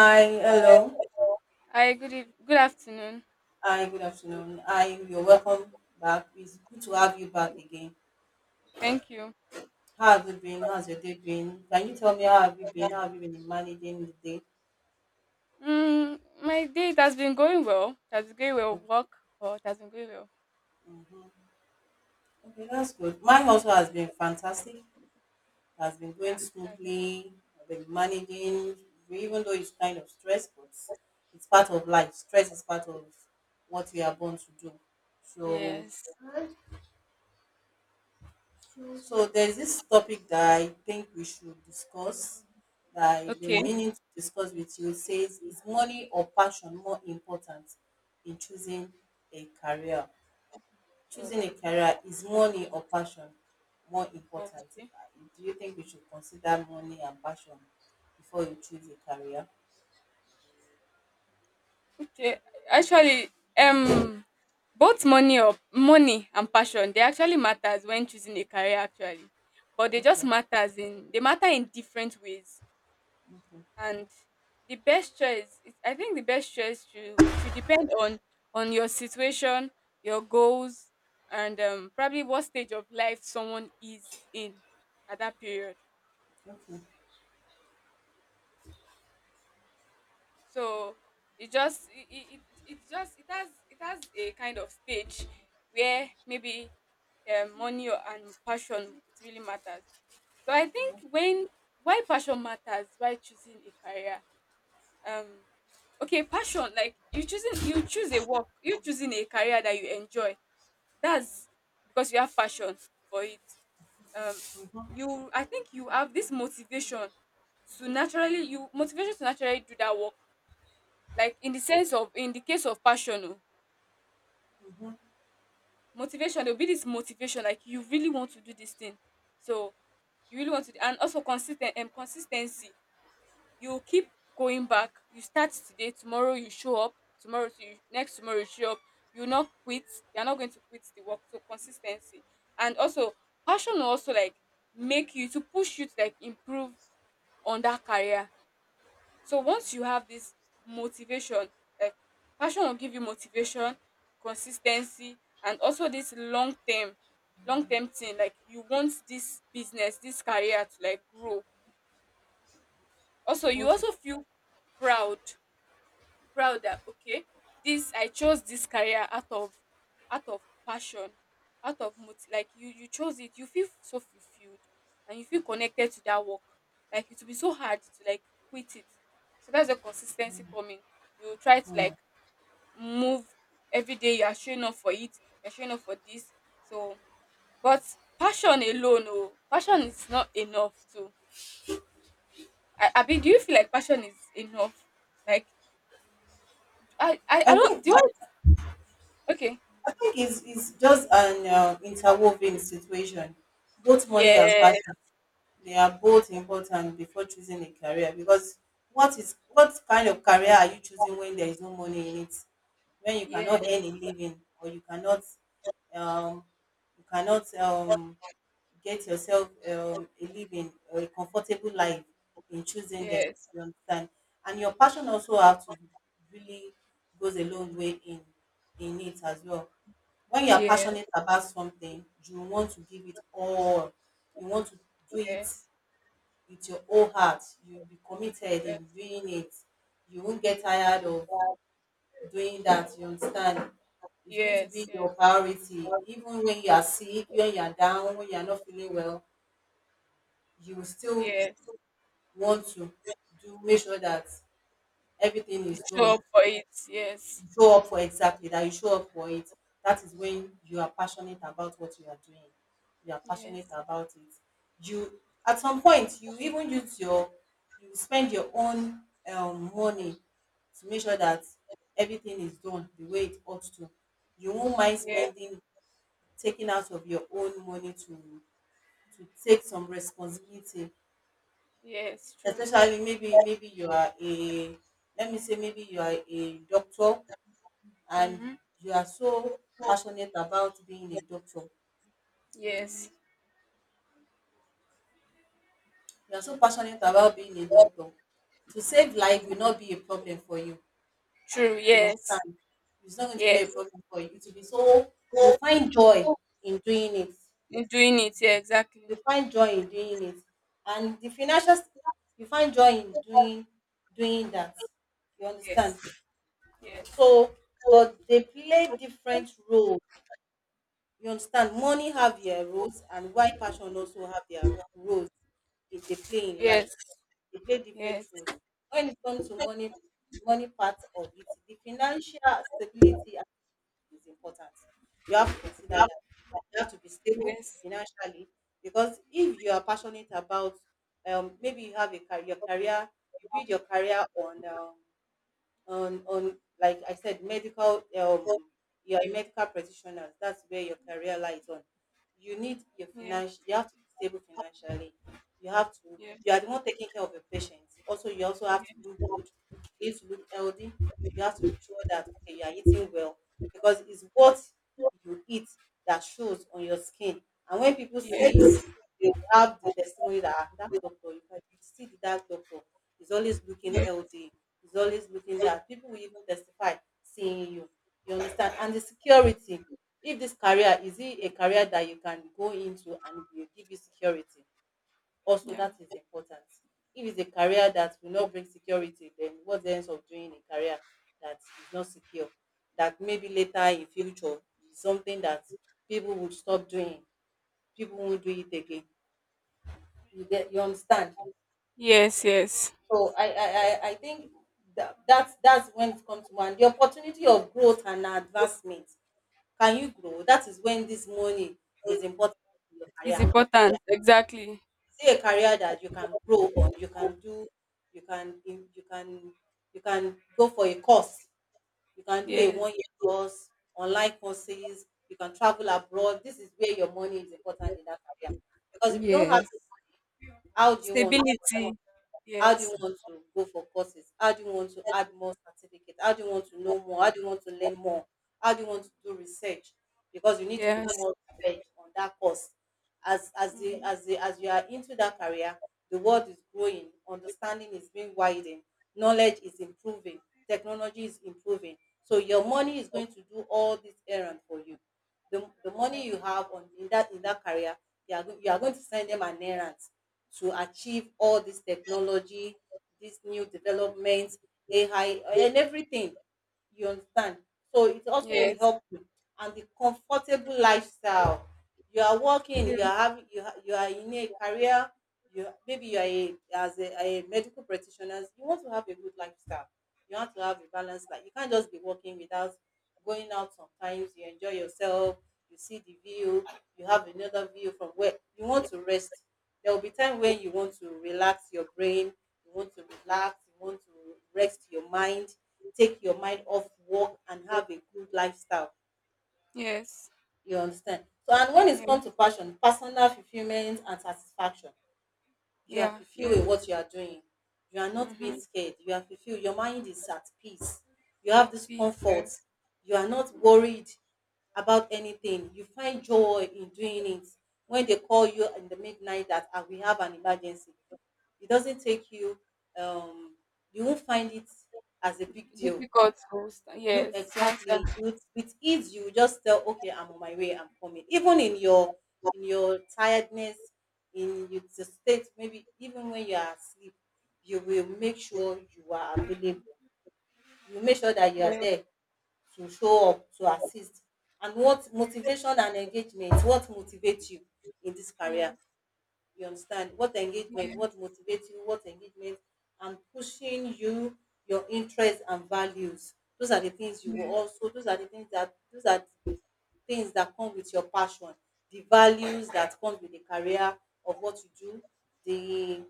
Hi, hello. Hi, good afternoon. Hi, good afternoon. Hi, you're welcome back. It's good to have you back again. Thank you. How have you been? How's your day been? Can you tell me how have you been? How have you been managing the day? My day it has been going well. It has been going well. Okay, Work, or it has been going well. mhm. Okay, that's good. Mine also has been fantastic. Has been Yeah. going that- smoothly. I've been managing, even though it's kind of stress, but it's part of life. Stress is part of what we are born to do. So Yes. So there's this topic that I think we should discuss that I've been Okay. meaning to discuss with you. It says, is money or passion more important in choosing a career? Oh, Choosing a okay. career, is money or passion more Oh, important? okay. Do you think we should consider money and passion before you choose a career? Okay. Actually, um, both money and passion they actually matters when choosing a career. Actually, but they just Okay, matters in they matter in different ways. okay, And the best choice is- I think the best choice should depend on your situation, your goals, and probably what stage of life someone is in at that period. okay. So it just it, it, it it just it has a kind of stage where maybe, money and passion, it really matters. So I think when, why passion matters, why choosing a career, um okay, passion, like you choose a work, you choosing a career that you enjoy, that's because you have passion for it. um you, I think, you have this motivation to naturally, you motivation to naturally do that work, like in the sense of, in the case of passion. Oh, Hmm. Motivation, there'll be this motivation like you really want to do this thing, so you really want to do, and also consistent, and consistency. You keep going back, you start today, tomorrow you show up, tomorrow to you, next tomorrow you show up, you not quit, you're not going to quit the work. So consistency, and also passion will also like make you to push you to like improve on that career. So once you have this motivation, like, passion will give you motivation, consistency, and also this long term thing, like you want this business, this career to like grow. Also, you Okay. also feel proud, proud that okay, this, I chose this career out of, out of passion, out of moti-, like you chose it, you feel so fulfilled, and you feel connected to that work. Like it will be so hard to like quit it, so that's the consistency coming. You try to Hmm. like move, every day you are showing up for it, you're showing up for this. So but passion alone, oh, passion is not enough. To, I abi, do you feel like passion is enough? Like, I I don't, think do you? Okay. I think it's just an interwoven situation. Both money and Yes, passion, they are both important before choosing a career because what kind of career are you choosing when there is no money in it? When you yes, cannot earn a living, or you cannot, um, you cannot, get yourself, a living or a comfortable life in choosing them. yes, You understand? And your passion also have to really goes a long way in it as well. When you are yes, passionate about something, you want to give it all. You want to do it yes, with your whole heart. You'll be committed yes, in doing it. You won't get tired of doing that. You understand? It's going to yes, be yes, your priority. Even when you are sick, when you are down, when you are not feeling well, you will still yes. want to do make sure that everything You is show done. up for it. Yes, Show up for, exactly, that you show up for it, that is when you are passionate about what you are doing, you are passionate yes, about it. You, at some point, you even use your, you spend your own, money to make sure that everything is done the way it ought to. You won't mind yes, spending, taking out of your own money to take some responsibility, yes, true. especially maybe you are a, let me say maybe you are a doctor, and Mm-hmm. you are so passionate about being a doctor. Yes, You are so passionate about being a doctor. To save life will not be a problem for you. true. You Yes, understand? It's not going to be a yes. problem for you. It will be so, you find joy in doing it. You're doing it. Yeah, You exactly. find joy in doing it. And the financial, you find joy in doing that. You Yes, understand? yes, So but they play different roles, you understand, money have their roles and why passion also have their roles in they play in life, yes, they play different yes, yes, roles. When it comes to money, money part of it, the financial stability is important, you have to consider that, you have to be stable yes, financially. Because if you are passionate about, um, maybe you have a career, your career, you build your career on, um, on like I said, medical, um, you're a medical practitioner, that's where your career lies on. You need your yes, financial, you have to be stable financially. You have to, yes. you are the one taking care of your patients. Also you also have to look good, you need to look healthy, you have to be sure that okay you are eating well because it's what you eat that shows on your skin. And when people see you, they will have the testimony that, "Ah, that doctor, you can you see the that doctor is always looking healthy, is always looking down." People will even testify seeing you. You understand? And the security. If this career is it a career that you can go into and it will give you security, also Yeah. that is important. If it's a career that will not bring security, then what's the sense of doing a career that is not secure? That maybe later in future is something that people would stop doing. People won't do it again. You get, you understand? Yes, yes. So I think that, that's when it comes to one. The opportunity of growth and advancement. Can you grow? That is when this money is important in your It's career. important. Exactly. Say a career that you can grow on, you can do, you can you can you can go for a course, you can do a one Yes, year course, online courses, you can travel abroad. This is where your money is important in that career. Because if you don't have, yes. how do you want to, Stability. how do you Yes, want to go for courses? How do you want to add more certificate? How do you want to know more? How do you want to learn more? How do you want to do research? Because you need to yeah. do more research on that course. As as the Mm, as the as you are into that career, the world is growing, understanding is being widened, knowledge is improving, technology is improving. So your money is going to do all this errand for you. The yeah. money you have on in that career, you are, go- you are going to send them an errand to achieve all this technology, this new developments, AI, and everything. You understand? So it also will Yes, help you. And the comfortable lifestyle. You are working, you are having, you, ha- you are in a career, you, maybe you are a, as a medical practitioner, you want to have a good lifestyle. You have to have a balanced life. You can't just be working without going out sometimes. You enjoy yourself, you see the view, you have another view from where you want to rest. There will be time when you want to relax your brain, you want to relax, you want to rest your mind, take your mind off work and have a good lifestyle. yes, You understand? So and when yeah, it comes to passion, personal fulfillment and satisfaction, you are yeah, fulfilled with yes. what you are doing. You are not being Mm-hmm. scared. You are fulfilled. Your mind is at peace. You have Or this peace, comfort. yes. You are not worried about anything. You find joy in doing it. When they call you Mm. in the midnight that, "Ah, we have an emergency," it doesn't take you, um, you won't find it as a big deal. Difficult to sta-, You, yes, to exactly. answer. You, with ease, you just tell, okay, I'm on my way, I'm coming. Even in your tiredness, in your the state, maybe even when you are asleep, you will make sure you are available. You make sure that you are Yes, there to show up, to assist. And what motivation and engagement, what motivates you in this career? yes, You understand what engagement, yes, what motivates you, what engagement, and pushing you, your interests and values. Those are the things you will yes, also. Those are the things that, those are things that come with your passion, the values that comes with the career of what you do, the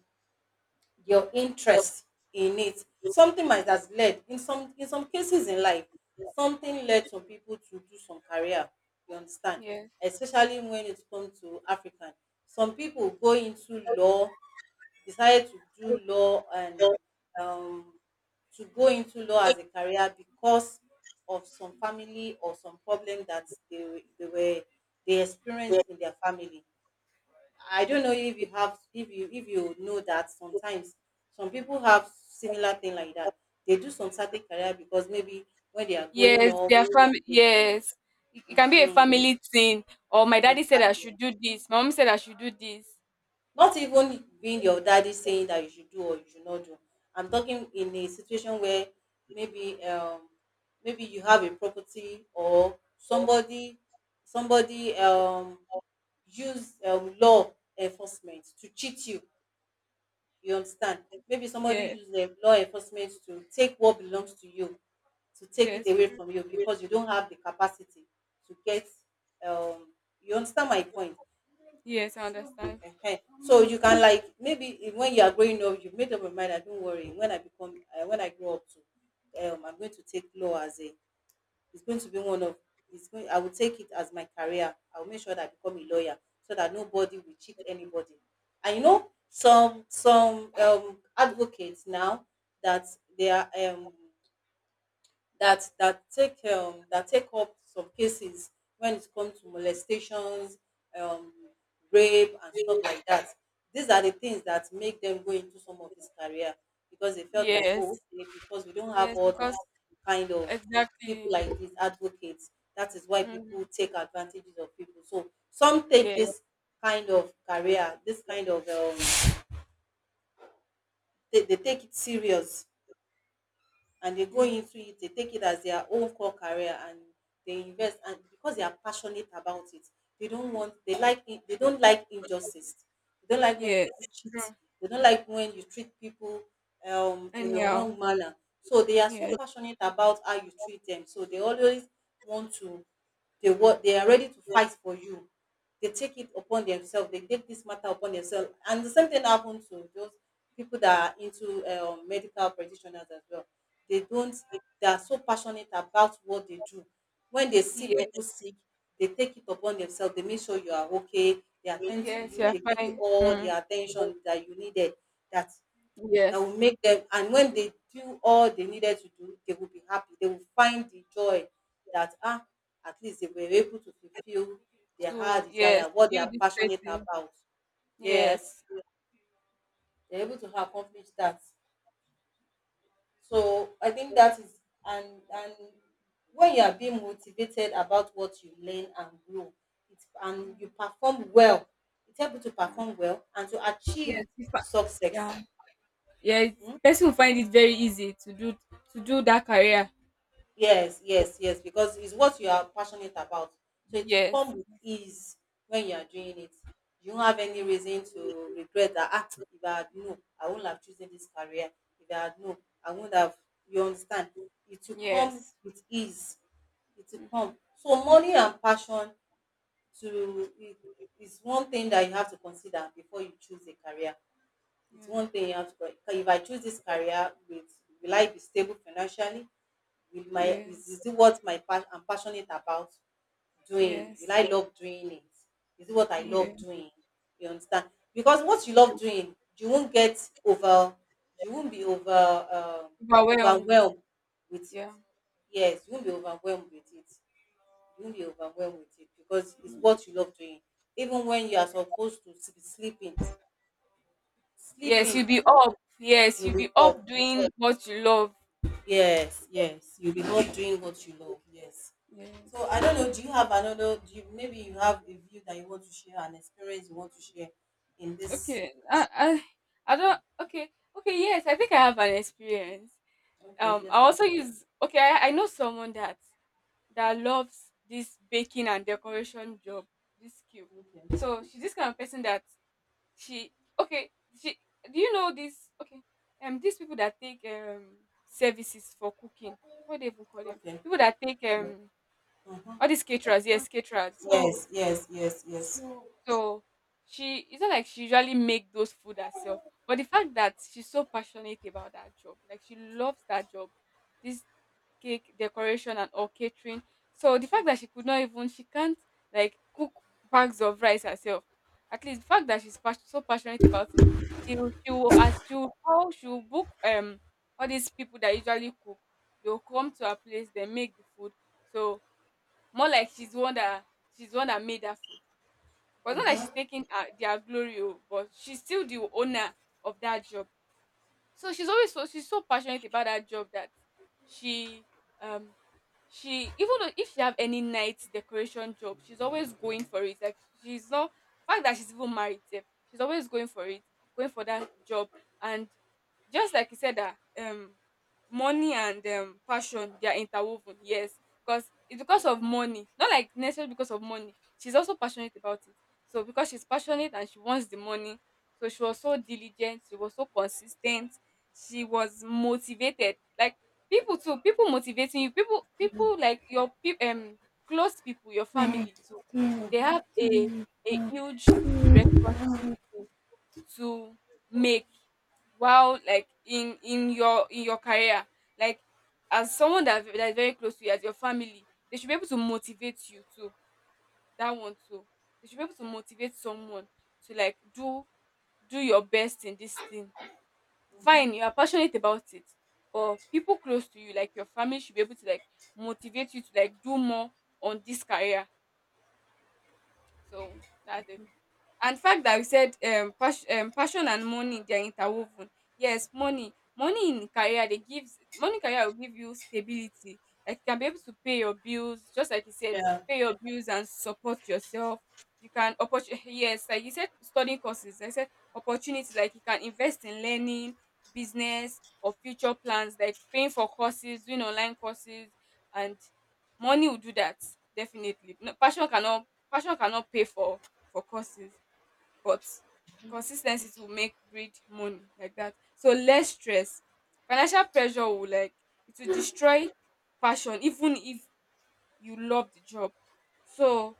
your interest in it. Something might has led in some cases in life, something led some people to do some career. You understand, yes, especially when it comes to African, some people go into law, decided to do law and, um, to go into law as a career because of some family or some problem that they were they experienced in their family. I don't know if you have, if you know that sometimes some people have similar thing like that. They do some certain career because maybe when they are growing yes. up, Their family, they, yes. It can be a mhm, family thing. Or my daddy said I should exactly. do this. My mom said I should do this. Not even being your daddy saying that you should do or you should not do. I'm talking in a situation where maybe, um, maybe you have a property or somebody, somebody, um, use, law enforcement to cheat you. You understand? Maybe somebody Yes, used the law enforcement to take what belongs to you, to take it yes, away true. from you because you don't have the capacity to get, um, you understand my point. Yes, I understand. Ehen. So you can, like, maybe if- when you are growing up, you've made up your mind. I don't worry. When I become, when I grow up, to, I'm going to take law as a. It's going to be one of. It's going. I will take it as my career. I will make sure that I become a lawyer so that nobody will cheat anybody. And you know some advocates now that they are, um, that take, that take up some cases when it comes to molestations, um, rape, and stuff like that. These are the things that make them go into some of this career because they felt like, oh, Yes, okay, because we don't have yes, all because this kind of people exactly. like these advocates. That is why people Mm, take advantages of people. So some take yes, this kind of career, this kind of they take it serious and they go into yes, it. They take it as their own core career, and they invest. And because they are passionate about it, they like it. They don't like injustice. They don't like when yes, people cheat. true. They don't like when you treat people in the Anyhow, wrong manner. So they are so yes. passionate about how you treat them. So they always want to they are ready to fight for you. They take it upon themselves. They take this matter upon themselves and The same thing happens to those people that are into medical practitioners as well. They don't They are so passionate about what they do. When they see Yes, people sick, they take it upon themselves. They make sure you are okay. They attend to yes, you. you're They give you fine. all the Mm. attention that you needed. That that Yes. will make them. And when they do all they needed to do, they will be happy. They will find the joy that at least they were able to fulfill their heart So yes, desire, what they you are this passionate person. about. Yes, Yes. they're able to accomplish that. So I think that is and when you are being motivated about what you learn and grow, it's and you Mm. perform well, it's able to Yeah. perform well and to achieve Yes. If I, success. yeah. Yeah. Person will find it very easy to do that career. Yes, yes, yes, because it's what you are passionate about. So it will Yes. come with ease when you are doing it. You don't have any Yeah. reason to regret that, ah, if I had known, I wouldn't have chosen this career. If I had known, I wouldn't have, you understand? It will come Yes. with ease. It will Mm. come. So money and passion to it is one thing that you have to consider before you choose a career. It's one Yeah. thing you have to, if I choose this career, with, will I be stable financially? Will my is, Yes. is it what my I'm passionate about doing? Will Yes. I love doing it? Is it what I love Yeah. doing? You understand? Because what you Yeah. love doing, you won't get over. You won't be over Overwhelmed. Overwhelmed with it. Yeah. Yes, you won't be overwhelmed with it. You won't be overwhelmed with it, because it's what you love doing. Even when you are supposed to be sleeping, Yes, you'll sleeping be up. Yes, you'll you'll be be up. up doing what you love. Yes, yes, you'll be up doing what you love. Yes. So Yes. I don't know. Do you have another? Do you, maybe you have a view that you want to share, an experience you want to share in this? Okay. I don't, okay. Okay, yes, I think I have an experience. Okay. I Yes, also yes, use okay, I know someone that loves this baking and decoration job, this skill. yes. So she's this kind of person that, she, okay, she, do you know this? Okay, these people that take services for cooking, what do they even call them, Okay. Okay. people that take all Mm-hmm. these caterers? Yes, caterers. So, yes, yes, yes, yes, so. So, she, it's not like she usually make those food herself. But the fact that she's so passionate about that job, like she loves that job, this cake decoration and all catering. So the fact that she could not even, she can't like cook bags of rice herself. At least the fact that she's pas-, so passionate about it, she will, as, she will call, she will book all these people that usually cook. They'll come to her place, they make the food. So more like she's the one that made that food, but it's not like she's taking their glory, oh, but she's still the owner of that job. So she's always, so she's so passionate about that job that she, um she, even though if she have any night decoration job, she's always going for it. Like she's not, the fact that she's even married sef, she's always going for it, going for that job. And just like you said that, money and passion, they are interwoven, yes. Because it's because of money, not like necessarily because of money, she's also passionate about it. So because she's passionate and she wants the money, so she was so diligent, she was so consistent, she was motivated. Like people too, people motivating you. People, people like your peop, close people, your Mhm, like, family too. They yeah. have a huge responsibility to make, while like in your in your career. Like as someone that is very close to you, as your family, they should be able to motivate you too. That one too. They should be able to motivate someone to like do, do your best in this thing. Mhm. Fine, you are passionate about it, but people close to you, like your family, should be able to like motivate you to like do more on this career. So that's it. And the fact that we said, pas-, passion and money, they are interwoven. Yes, money, money in career they gives, money in career will give you stability. Like you can be able to pay your bills, just like you said, Yeah, pay your bills and support yourself. You can opportunity. Yes, like you said, studying courses. Like I said, opportunities, like you can invest in learning, business or future plans, like paying for courses, doing online courses, and money will do that definitely. No, passion cannot, passion cannot pay for courses, but consistency ten to make breed money like that. So less stress. Financial pressure will like, it will destroy passion even if you love the job. So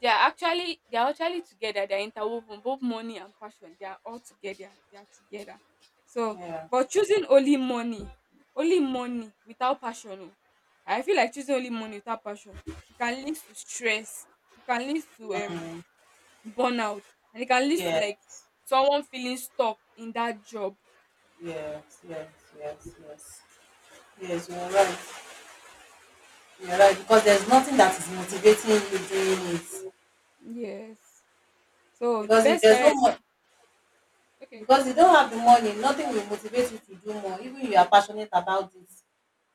they are actually together. They are interwoven. Both money and passion, they are all together. They are together. So yeah, but choosing only money without passion. Oh, I feel like choosing only money without passion, it can lead to stress. It can lead to burnout, and it can lead to yeah, like someone feeling stuck in that job. yes, yes, yes, yes. Yes, you're right. You're right, because there's nothing that is motivating you doing it. Yes, so the Because if best there's no career is, money, okay, because you don't have the money, nothing will motivate you to do more. Even if you are passionate about it,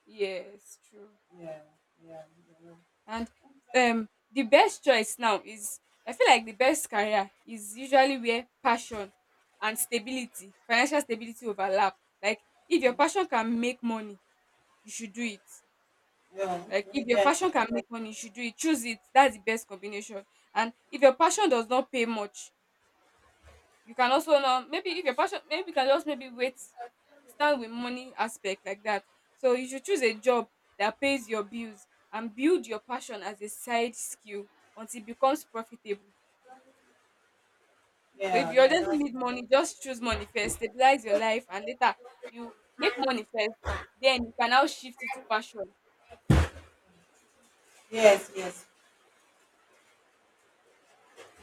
yes, true. yeah, yeah, yeah, And um the best choice now is, I feel like the best career is usually where passion and stability, financial stability, overlap. Like if your passion can make money, you should do it. yeah, Like if your yeah, passion can make money, you should do it, choose it, that's the best combination. And if your passion does not pay much, you can also now, maybe if your passion, maybe you can just maybe wait, start with money aspect like that. So you should choose a job that pays your bills and build your passion as a side skill until it becomes profitable. So if yeah, you yeah. urgently That's need money, just choose money first, stabilize your life, and later, you make money first, then you can now shift it to passion. yes, yes,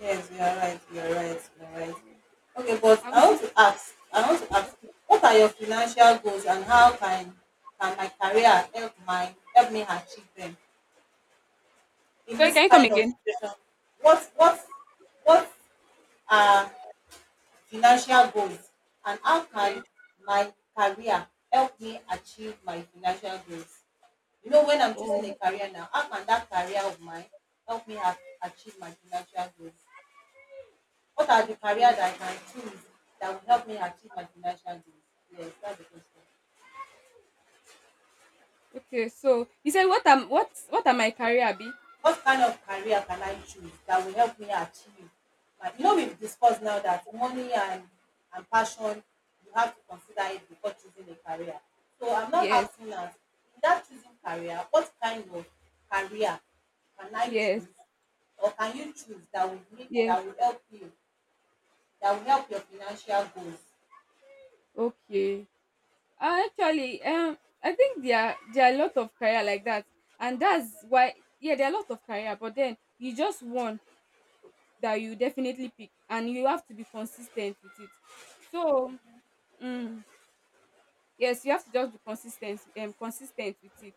yes. You are right. You are right. You are right. Okay, but I'm I want sure, to ask. I want to ask. What are your financial goals, and how can my career help my help me achieve them in sorry, this can you come kind of again? situation? What what what are financial goals, and how can Yes, my career help me achieve my financial goals? You know, when I'm choosing a oh, career now, how can that career of mine help me achieve my financial goals? What are the okay, career that I can choose that will help me achieve my financial goals? Yes, that's the question. okay, so you said what am, what am my career be? What kind of career can I choose that will help me achieve my, you know, we've discussed now that money and passion, you have to consider it before choosing a career. So I'm not Yes, asking us in that choosing career, what kind of career can I yes, choose or can you choose that will make yes. that will help you, that will help your financial goals? Okay. Actually, I think there are a lot of career like that, and that's why, yeah, there are a lot of career. But then you just one that you definitely pick, and you have to be consistent with it. So, mm, yes, you have to just be consistent, consistent with it.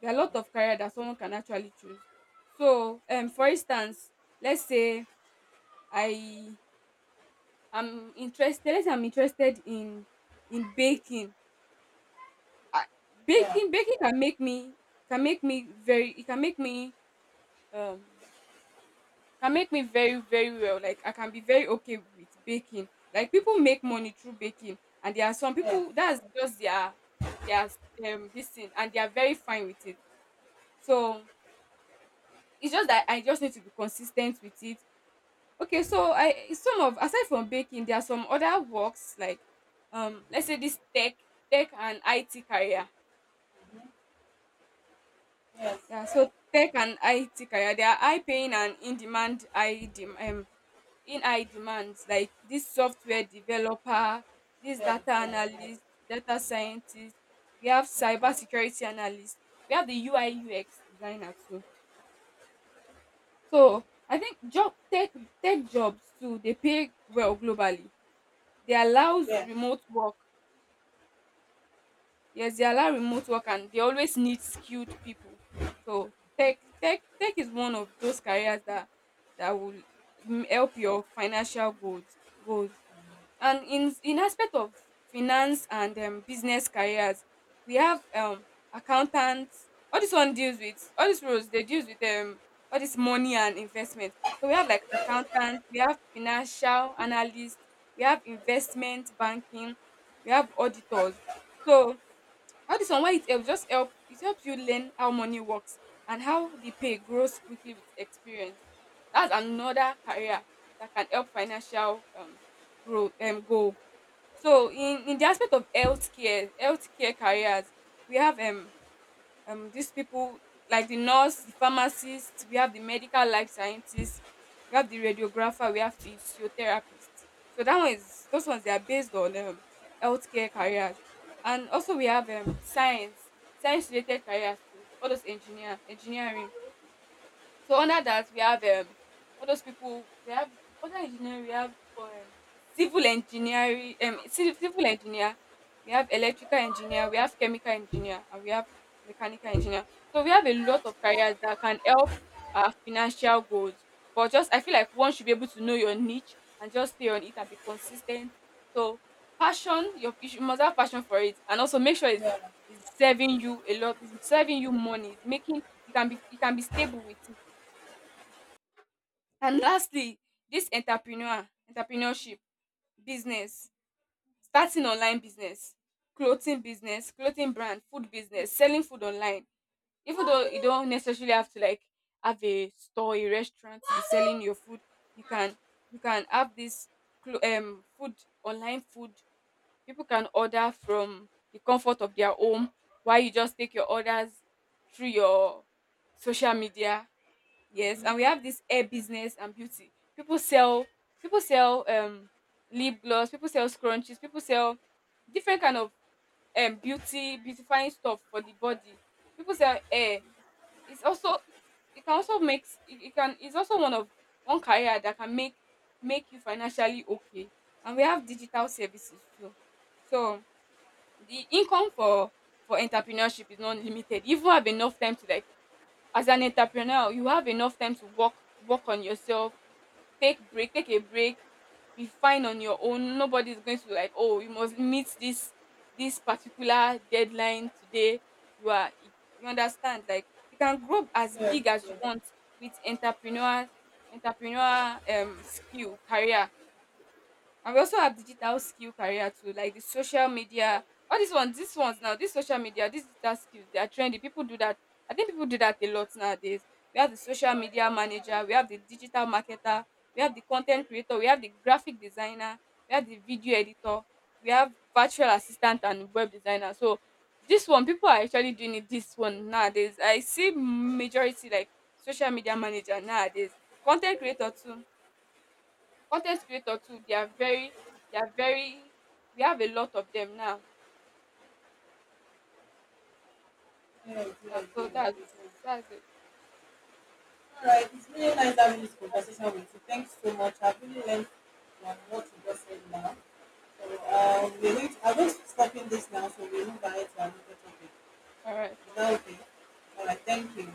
There are a lot of career that someone can actually choose. So, for instance, let's say I am interested. Let's say I'm interested in in baking I, Yeah, baking can make me very it um can make me very well. Like, I can be very okay with baking. Like, people make money through baking, and there are some yes, people that's just their their this thing, and they are very fine with it. So it's just that I just need to be consistent with it. Okay, so I some of aside from baking, there are some other works like, let's say, this tech and IT career. yes, Yeah, so tech and IT career, they are high paying and in demand. In high demands, like this software developer, this yes, data yes, yes, analyst, data scientist, we have cyber security analyst, we have the UI UX designer too. So I think job tech tech jobs too, they pay well globally. They allows yes, remote work. Yes, they allow remote work, and they always need skilled people. So tech is one of those careers that that will help your financial goals. And in aspect of finance and, business careers, we have accountants. All this one deals with, all these roles. They deals with, all this money and investment. So we have like accountants, we have financial analysts, we have investment banking, we have auditors. So all this one, why it helps, just help it helps you learn how money works and how the pay grows quickly with experience. That's another career that can help financial, grow, goal. So in the aspect of healthcare, healthcare careers, we have these people, like the nurse, the pharmacist, we have the medical life scientist, we have the radiographer, we have the physiotherapist. So that one is, those ones, they are based on, healthcare careers. And also we have, science, science related careers too, all those engineering. So under that we have, all those people. We have other engineering, we have, civil engineering, civil engineer, we have electrical engineer, we have chemical engineer, and we have mechanical engineer. So we have a lot of careers that can help our financial goals. But just, I feel like one should be able to know your niche and just stay on it and be consistent. So passion, must have passion for it, and also make sure yeah, yes, yes, it's serving you a lot. It's serving you money. It's making, you can be, you can be stable with. And lastly, this entrepreneurship, business, starting online business, clothing brand, food business, selling food online. Even though you don't necessarily have to like have a store, a restaurant, to be selling your food, you can, you can have this food, online food. People can order from the comfort of their home while you just take your orders through your social media. Yes, and we have this hair business and beauty. People sell, people sell lip gloss, people sell scrunchies, people sell different kind of, beauty beautifying stuff for the body. People sell hair. It's also, it can also make s- it can it's also one of one career that can make you financially okay. And we have digital services too. So the income for entrepreneurship is not limited. You even have enough time to, like, as an entrepreneur, you have enough time to work, work on yourself, take a break, be fine on your own. Nobody is going to like, oh, you must meet this, this particular deadline today. You are, you understand, like you can grow as yes, big as you want with entrepreneur skill career. And we also have digital skill career too, like the social media. All these ones now, these social media, these digital skills, they are trendy. People do that. I think people do that a lot nowadays. We have the social media manager, we have the digital marketer, we have the content creator, we have the graphic designer, we have the video editor, we have virtual assistant and web designer. So this one, people are actually doing it this one nowadays. I see majority like social media manager nowadays, content creator too, con ten t creator too, they are very, they are very, we have a lot of them now. yes, Yeah, yes, so yes, that's yes. that's it. All right, it's really nice having this conversation with you. Thanks so much. I've really learned from what you just said now. So Yeah. Thank we're you. going to, I'm going to be stopping this now, so we move ahead to another topic. All right. Is that okay? All right, thank you.